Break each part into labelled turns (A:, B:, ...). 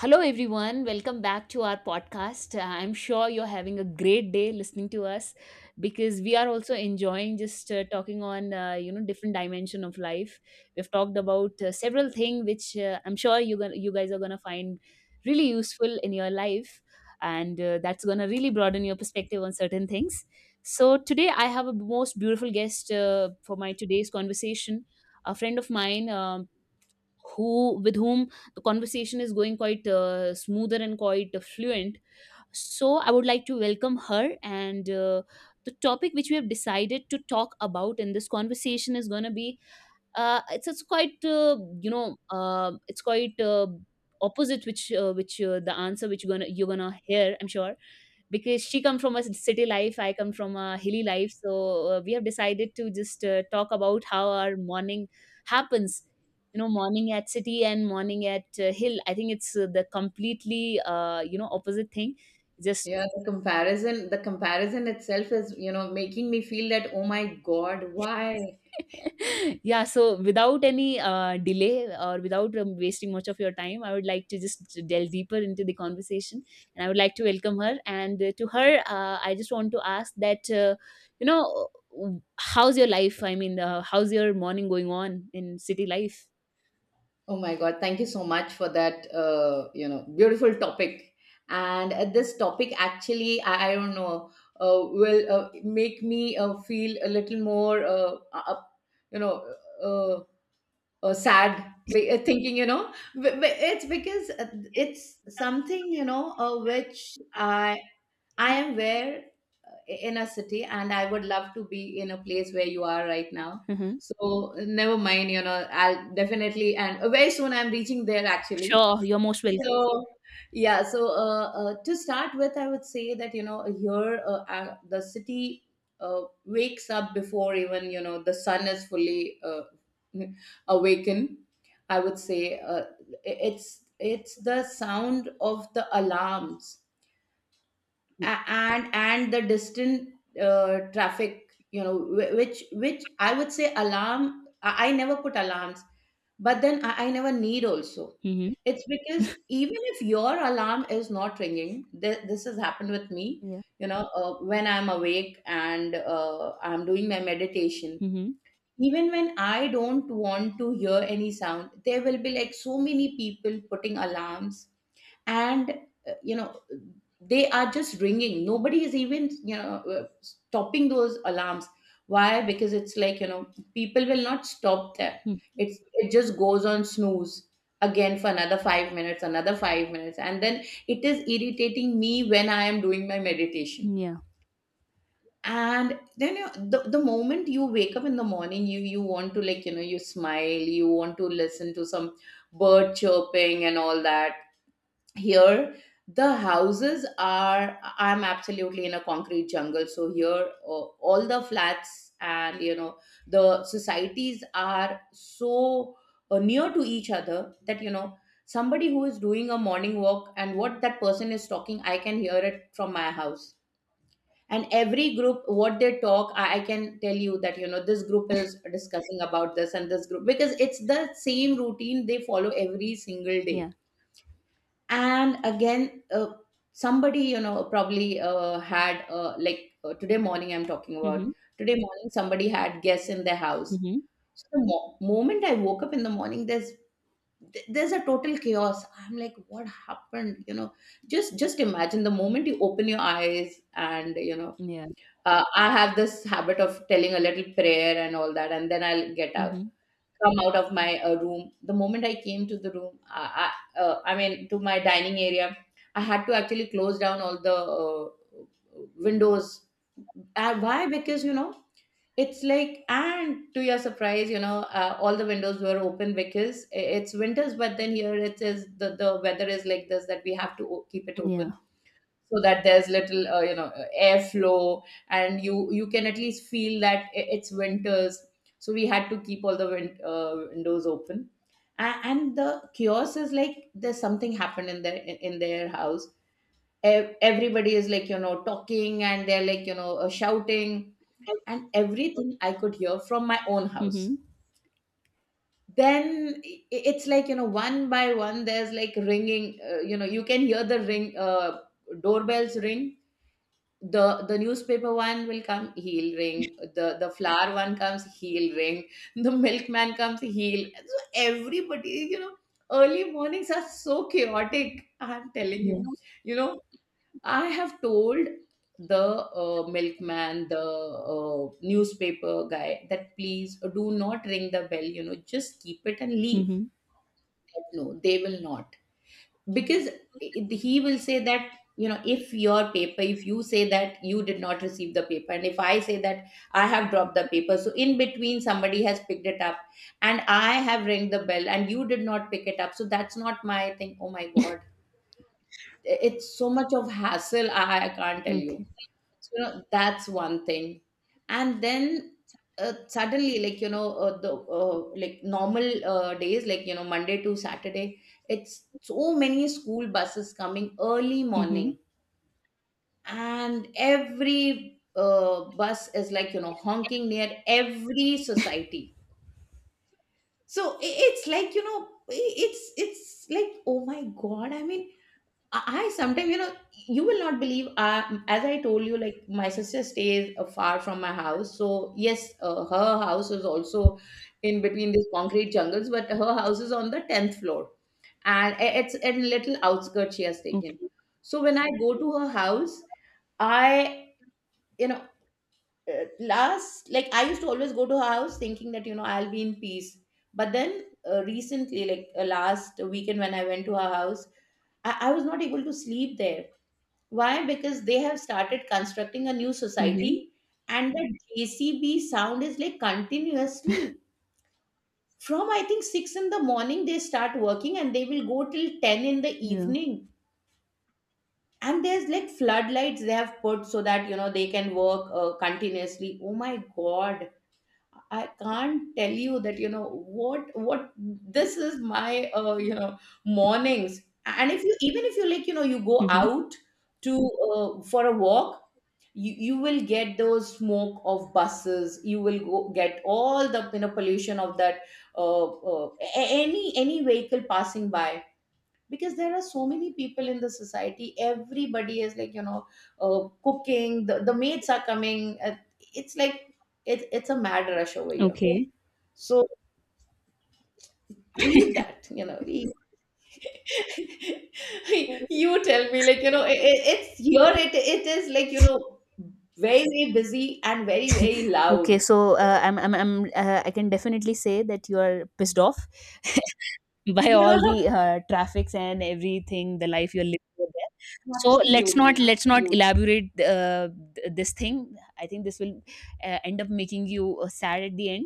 A: Hello, everyone. Welcome back to our podcast. I'm sure you're having a great day listening to us because we are also enjoying just talking on different dimension of life. We've talked about several things which I'm sure you guys are gonna find really useful in your life, and that's gonna really broaden your perspective on certain things. So today I have a most beautiful guest for my today's conversation. A friend of mine. Who with whom the conversation is going quite smoother and quite fluent, so I would like to welcome her. And the topic which we have decided to talk about in this conversation is going to be it's quite it's quite opposite. Which The answer which you're gonna hear, I'm sure, because she come from a city life, I come from a hilly life. So we have decided to just talk about how our morning happens. You know, morning at city and morning at hill. I think it's the completely opposite thing. Just
B: Yeah, the comparison itself is, you know, making me feel that, oh my God, why?
A: Yeah, so without any delay or without wasting much of your time, I would like to just delve deeper into the conversation, and I would like to welcome her. And to her, I just want to ask that how's your life? I mean, how's your morning going on in city life?
B: Oh my God, thank you so much for that, you know, beautiful topic. And this topic actually, I don't know, will make me feel a little more, you know, uh, or sad thinking you know it's because it's something you know which I am where in a city, and I would love to be in a place where you are right now.
A: Mm-hmm.
B: So never mind, you know, I'll definitely and very soon I'm reaching there actually.
A: Sure, you're most welcome.
B: So yeah, so to start with, I would say that, you know, here the city wakes up before even, you know, the sun is fully awakened. I would say it's the sound of the alarms and the distant traffic. You know, which I would say alarm, I never put alarms, but then I never need also.
A: Mm-hmm.
B: It's because even if your alarm is not ringing, this has happened with me,
A: Yeah.
B: you know, when I'm awake and I'm doing my meditation,
A: Mm-hmm.
B: even when I don't want to hear any sound, there will be like so many people putting alarms. And you know, they are just ringing, nobody is even, you know, stopping those alarms. Why? Because it's like, you know, people will not stop them. It just goes on snooze again for another 5 minutes, another 5 minutes, and then it is irritating me when I am doing my meditation.
A: Yeah.
B: And then you, the moment you wake up in the morning, you want to, like, you know, you smile, you want to listen to some bird chirping and all that. Here the houses are, I'm absolutely in a concrete jungle, so here all the flats and, you know, the societies are so near to each other that, you know, somebody who is doing a morning walk and what that person is talking, I can hear it from my house. And every group, what they talk, I can tell you that, you know, this group is discussing about this and this group, because it's the same routine they follow every single day.
A: Yeah.
B: And again, somebody, you know, probably had like today morning I'm talking about,
A: Mm-hmm.
B: today morning somebody had guests in their house.
A: Mm-hmm.
B: So the moment I woke up in the morning, there's, there's a total chaos. I'm like, what happened, you know? Just imagine the moment you open your eyes and, you know,
A: Yeah.
B: I have this habit of telling a little prayer and all that, and then I'll get up,
A: Mm-hmm.
B: come out of my room. The moment I came to the room, I mean, to my dining area, I had to actually close down all the windows. Why? Because, you know, it's like, and to your surprise, you know, all the windows were open because it's winters, but then here it is, the weather is like this, that we have to keep it
A: Yeah.
B: open, so that there's little you know airflow, and you can at least feel that it's winters. So we had to keep all the windows open. And the kiosk is like, there's something happened in their, in their house. Everybody is like, you know, talking, and they're like, you know, shouting, and everything I could hear from my own house.
A: Mm-hmm.
B: Then it's like, you know, one by one, there's like ringing, you know, you can hear the ring, doorbells ring. The newspaper one will come, he'll ring, the flower one comes, he'll ring, the milkman comes, he'll, so everybody, you know, early mornings are so chaotic, I'm telling you.
A: Yeah.
B: You know, I have told the milkman, the newspaper guy, that please do not ring the bell, you know, just keep it and leave.
A: Mm-hmm.
B: But no, they will not, because he will say that, you know, if your paper, if you say that you did not receive the paper, and if I say that I have dropped the paper, so in between somebody has picked it up, and I have rang the bell and you did not pick it up, so that's not my thing. Oh my god, it's so much of hassle, I can't tell you.
A: Okay.
B: So, you know, that's one thing. And then suddenly, like, you know, the like normal days, like, you know, Monday to Saturday, it's so many school buses coming early
A: Mm-hmm.
B: morning. And every bus is like, you know, honking near every society. So it's like, you know, it's like, oh my God. I mean, I sometimes, you know, you will not believe. As I told you, like my sister stays far from my house, so yes, her house is also in between these concrete jungles, but her house is on the 10th floor, and it's a little outskirt she has taken.
A: Okay.
B: So when I go to her house, I, you know, last, like I used to always go to her house thinking that, you know, I'll be in peace, but then recently, like last weekend when I went to her house, I was not able to sleep there. Why? Because they have started constructing a new
A: Mhm.
B: society, and the JCB sound is like continuously from, I think, 6 in the morning they start working, and they will go till ten in the
A: Yeah.
B: evening. And there's like floodlights they have put so that, you know, they can work continuously. Oh my god! I can't tell you that, you know, what this is my, you know, mornings. And if you, even if you, like, you know, you go
A: Mhm.
B: out to for a walk, you will get those smoke of buses. You will go get all the, you know, pollution of that any vehicle passing by, because there are so many people in the society, everybody is like, you know, cooking, the maids are coming, it's like, it's a mad rush over here.
A: Okay.
B: So leave that, you know, leave. You tell me, like, you know, it, it's here, it is like, you know, very, very busy and very, very
A: Okay,
B: loud.
A: so I'm I can definitely say that you are pissed off by
B: Yeah
A: all the traffics and everything, the life you're living over there. So let's
B: absolutely,
A: not let's not
B: absolutely.
A: elaborate this thing. I think this will end up making you sad at the end.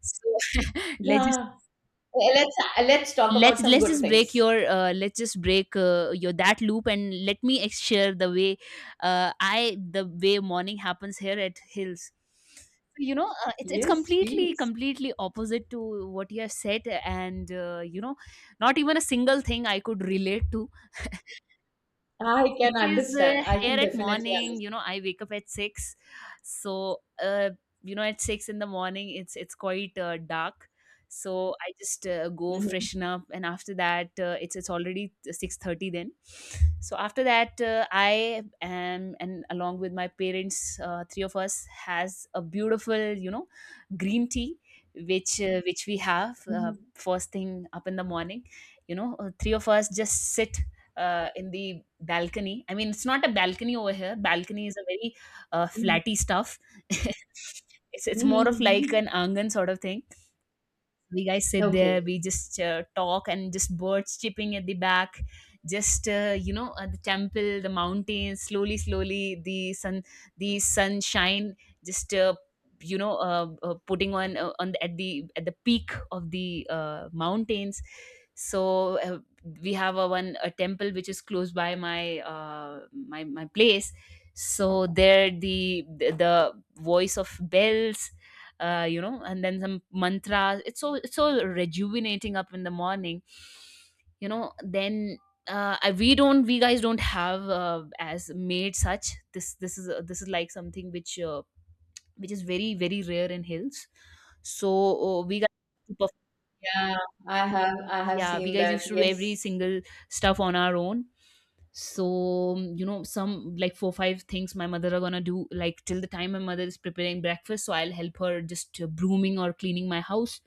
A: So let's just
B: Yeah. Well, let's talk about some
A: let's
B: good
A: just break
B: things.
A: your let's just break your that loop, and let me share the way I the way morning happens here at hills. So, you know, it's
B: Yes,
A: completely
B: please.
A: completely opposite to what you have said, and not even a single thing I could relate to,
B: I can
A: because
B: understand. I
A: here
B: can
A: at
B: definitely
A: morning,
B: understand.
A: you know, I wake up at 6. So you know, at 6 in the morning, it's quite dark. So I just go
B: Mhm,
A: freshen up, and after that it's already 6:30 then. So after that I am, and along with my parents, three of us has a beautiful, you know, green tea which we have
B: mhm,
A: first thing up in the morning. You know, three of us just sit in the balcony. I mean, it's not a balcony over here. Balcony is a very
B: mhm,
A: flatty stuff. It's
B: mhm,
A: more of like
B: mhm.
A: an angan sort of thing. We guys sit there,
B: Okay.
A: we just talk, and just birds chirping at the back. Just the temple, the mountains, slowly slowly, the sunshine just putting on at the peak of the mountains. So we have a one a temple which is close by my my place. So there, the voice of bells, you know, and then some mantras. It's so rejuvenating up in the morning, you know. Then we don't we guys don't have as made such. This is like something which is very very rare in hills. So we got.
B: Yeah, I have, I have
A: Yeah, we
B: seen
A: guys used
B: that.
A: to do every
B: Yes.
A: single stuff on our own. So you know, some like four five things my mother are gonna do, like till the time my mother is preparing breakfast, so I'll help her just brooming or cleaning my house.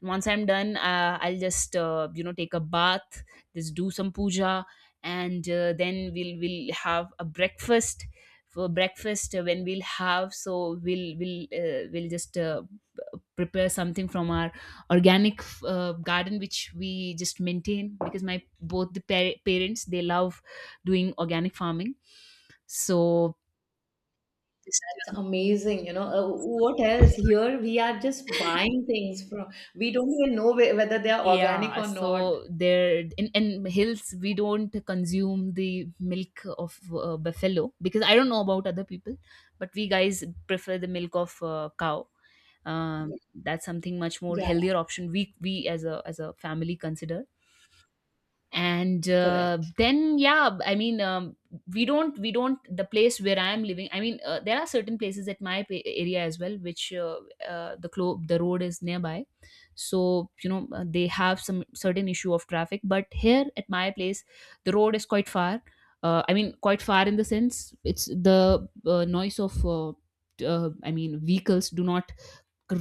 A: And once I'm done, I'll just you know, take a bath, just do some puja, and then we'll have a breakfast. For breakfast, when we'll have, so we'll just prepare something from our organic garden, which we just maintain because my both the parents they love doing organic farming. So
B: It's
A: just
B: amazing, you know. What else? Here we are just buying things from, we don't even know whether they are organic
A: yeah,
B: or not.
A: so there, in hills we don't consume the milk of buffalo, because I don't know about other people, but we guys prefer the milk of cow. That's something much more
B: Yeah,
A: healthier option we, we as a family consider. And
B: correct.
A: then yeah, I mean, we don't the place where I am living, I mean, there are certain places at my area as well which the road is nearby. So you know, they have some certain issue of traffic, but here at my place the road is quite far. I mean quite far, in the sense it's the noise of I mean vehicles do not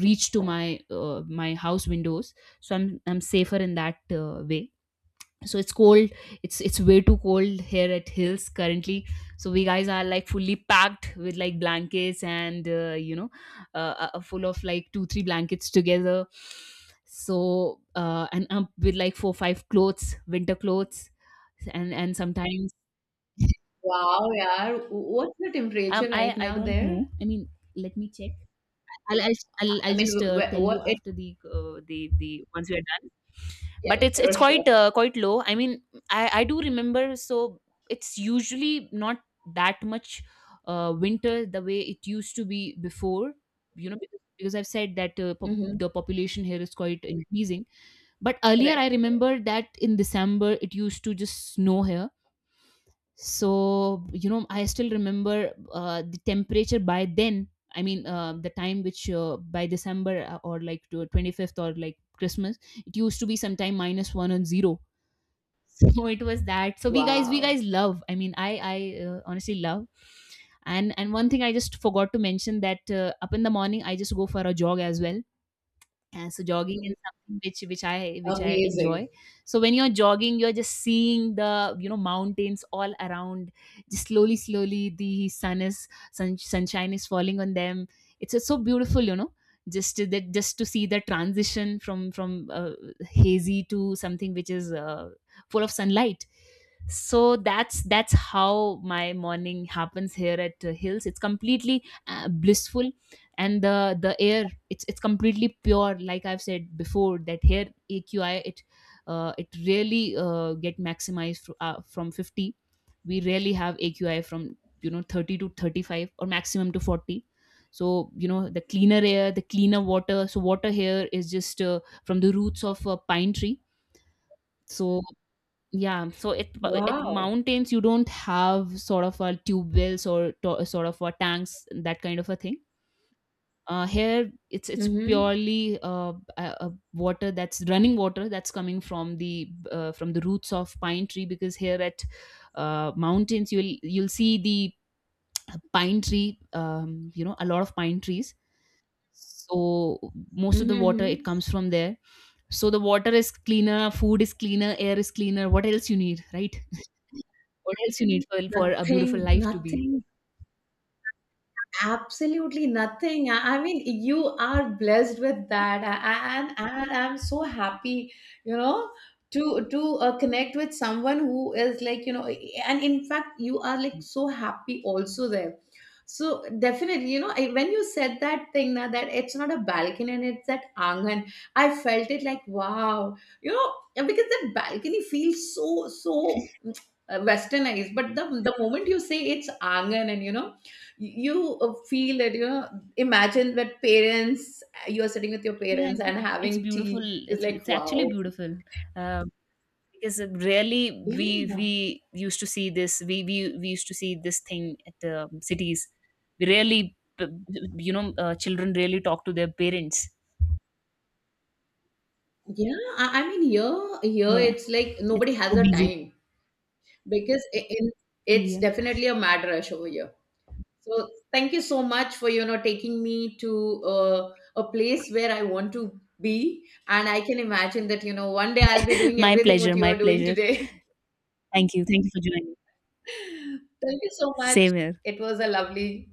A: reach to my house windows. So I'm safer in that way. So it's cold, it's way too cold here at hills currently. So we guys are like fully packed with like blankets, and full of like two three blankets together. So and with like four five clothes, winter clothes, and sometimes
B: Wow, yeah. What's the temperature right
A: I
B: now
A: don't
B: there?
A: know, I mean, let me check. I'll I'll I'll
B: I mean,
A: just tell
B: what
A: you
B: it,
A: after the once we are done.
B: yeah,
A: But it's
B: sure,
A: it's
B: sure.
A: quite low. I mean, I do remember. So it's usually not that much winter the way it used to be before. You know, because I've said that
B: Mm-hmm.
A: the population here is quite increasing. But earlier,
B: Correct.
A: I remember that in December it used to just snow here. So you know, I still remember the temperature by then. I mean, the time which by December, or like to 25th or like Christmas, it used to be sometime minus 1 and 0. So it was that. So we guys we
B: Wow.
A: guys love, I mean I honestly love. And one thing I just forgot to mention, that up in the morning I just go for a jog as well, and so jogging is something which I enjoy.
B: Amazing.
A: So when you're jogging, you're just seeing the, you know, mountains all around. Just slowly, slowly, the sunshine is falling on them. It's just so beautiful, you know. Just to see the transition from hazy to something which is full of sunlight. So that's how my morning happens here at Hills. It's completely blissful, and the air it's completely pure, like I've said before, that here AQI, it it really get maximized from 50. We rarely have AQI from, you know, 30 to 35 or maximum to 40. So you know, the cleaner air, the cleaner water. So water here is just from the roots of a pine tree. So yeah, so it, at
B: Wow.
A: mountains you don't have sort of a tube wells or sort of a tanks, that kind of a thing. Here it's
B: Mm-hmm.
A: purely water that's running, water that's coming from the roots of pine tree, because here at mountains you'll see the pine tree, you know, a lot of pine trees. So most of
B: Mm-hmm.
A: the water it
B: Mm-hmm.
A: comes from there. So the water is cleaner, food is cleaner, air is cleaner. What else you need, right? What else you need for a beautiful
B: Nothing,
A: life to be.
B: nothing. Absolutely nothing. I mean, you are blessed with that. And I'm so happy, you know, to connect with someone who is like, you know, and in fact, you are like so happy also there. So definitely, you know, when you said that thing now that it's not a balcony and it's that angan, I felt it like wow, you know, because that balcony feels so so westernized, but the moment you say it's angan and, you know, you feel that, you know, imagine that parents, you are sitting with your
A: Yeah, I
B: parents
A: think
B: and
A: it's
B: having
A: beautiful,
B: tea is
A: it's
B: like
A: it's
B: wow.
A: actually beautiful, um, because really,
B: Yes.
A: we
B: Yeah,
A: we used to see this thing at cities. We really you know, children really talk to their parents.
B: yeah, I mean, here
A: Yeah.
B: it's like
A: It's
B: nobody has
A: so
B: a
A: busy.
B: time, because in, it's
A: Yeah.
B: definitely a mad rush over here. So thank you so much for, you know, taking me to a place where I want to be, and I can imagine that, you know, one day I'll be doing
A: My
B: everything
A: pleasure,
B: what you
A: my
B: are doing
A: pleasure.
B: today.
A: Thank you, thank you for joining.
B: Thank you so much.
A: Same here.
B: It was a lovely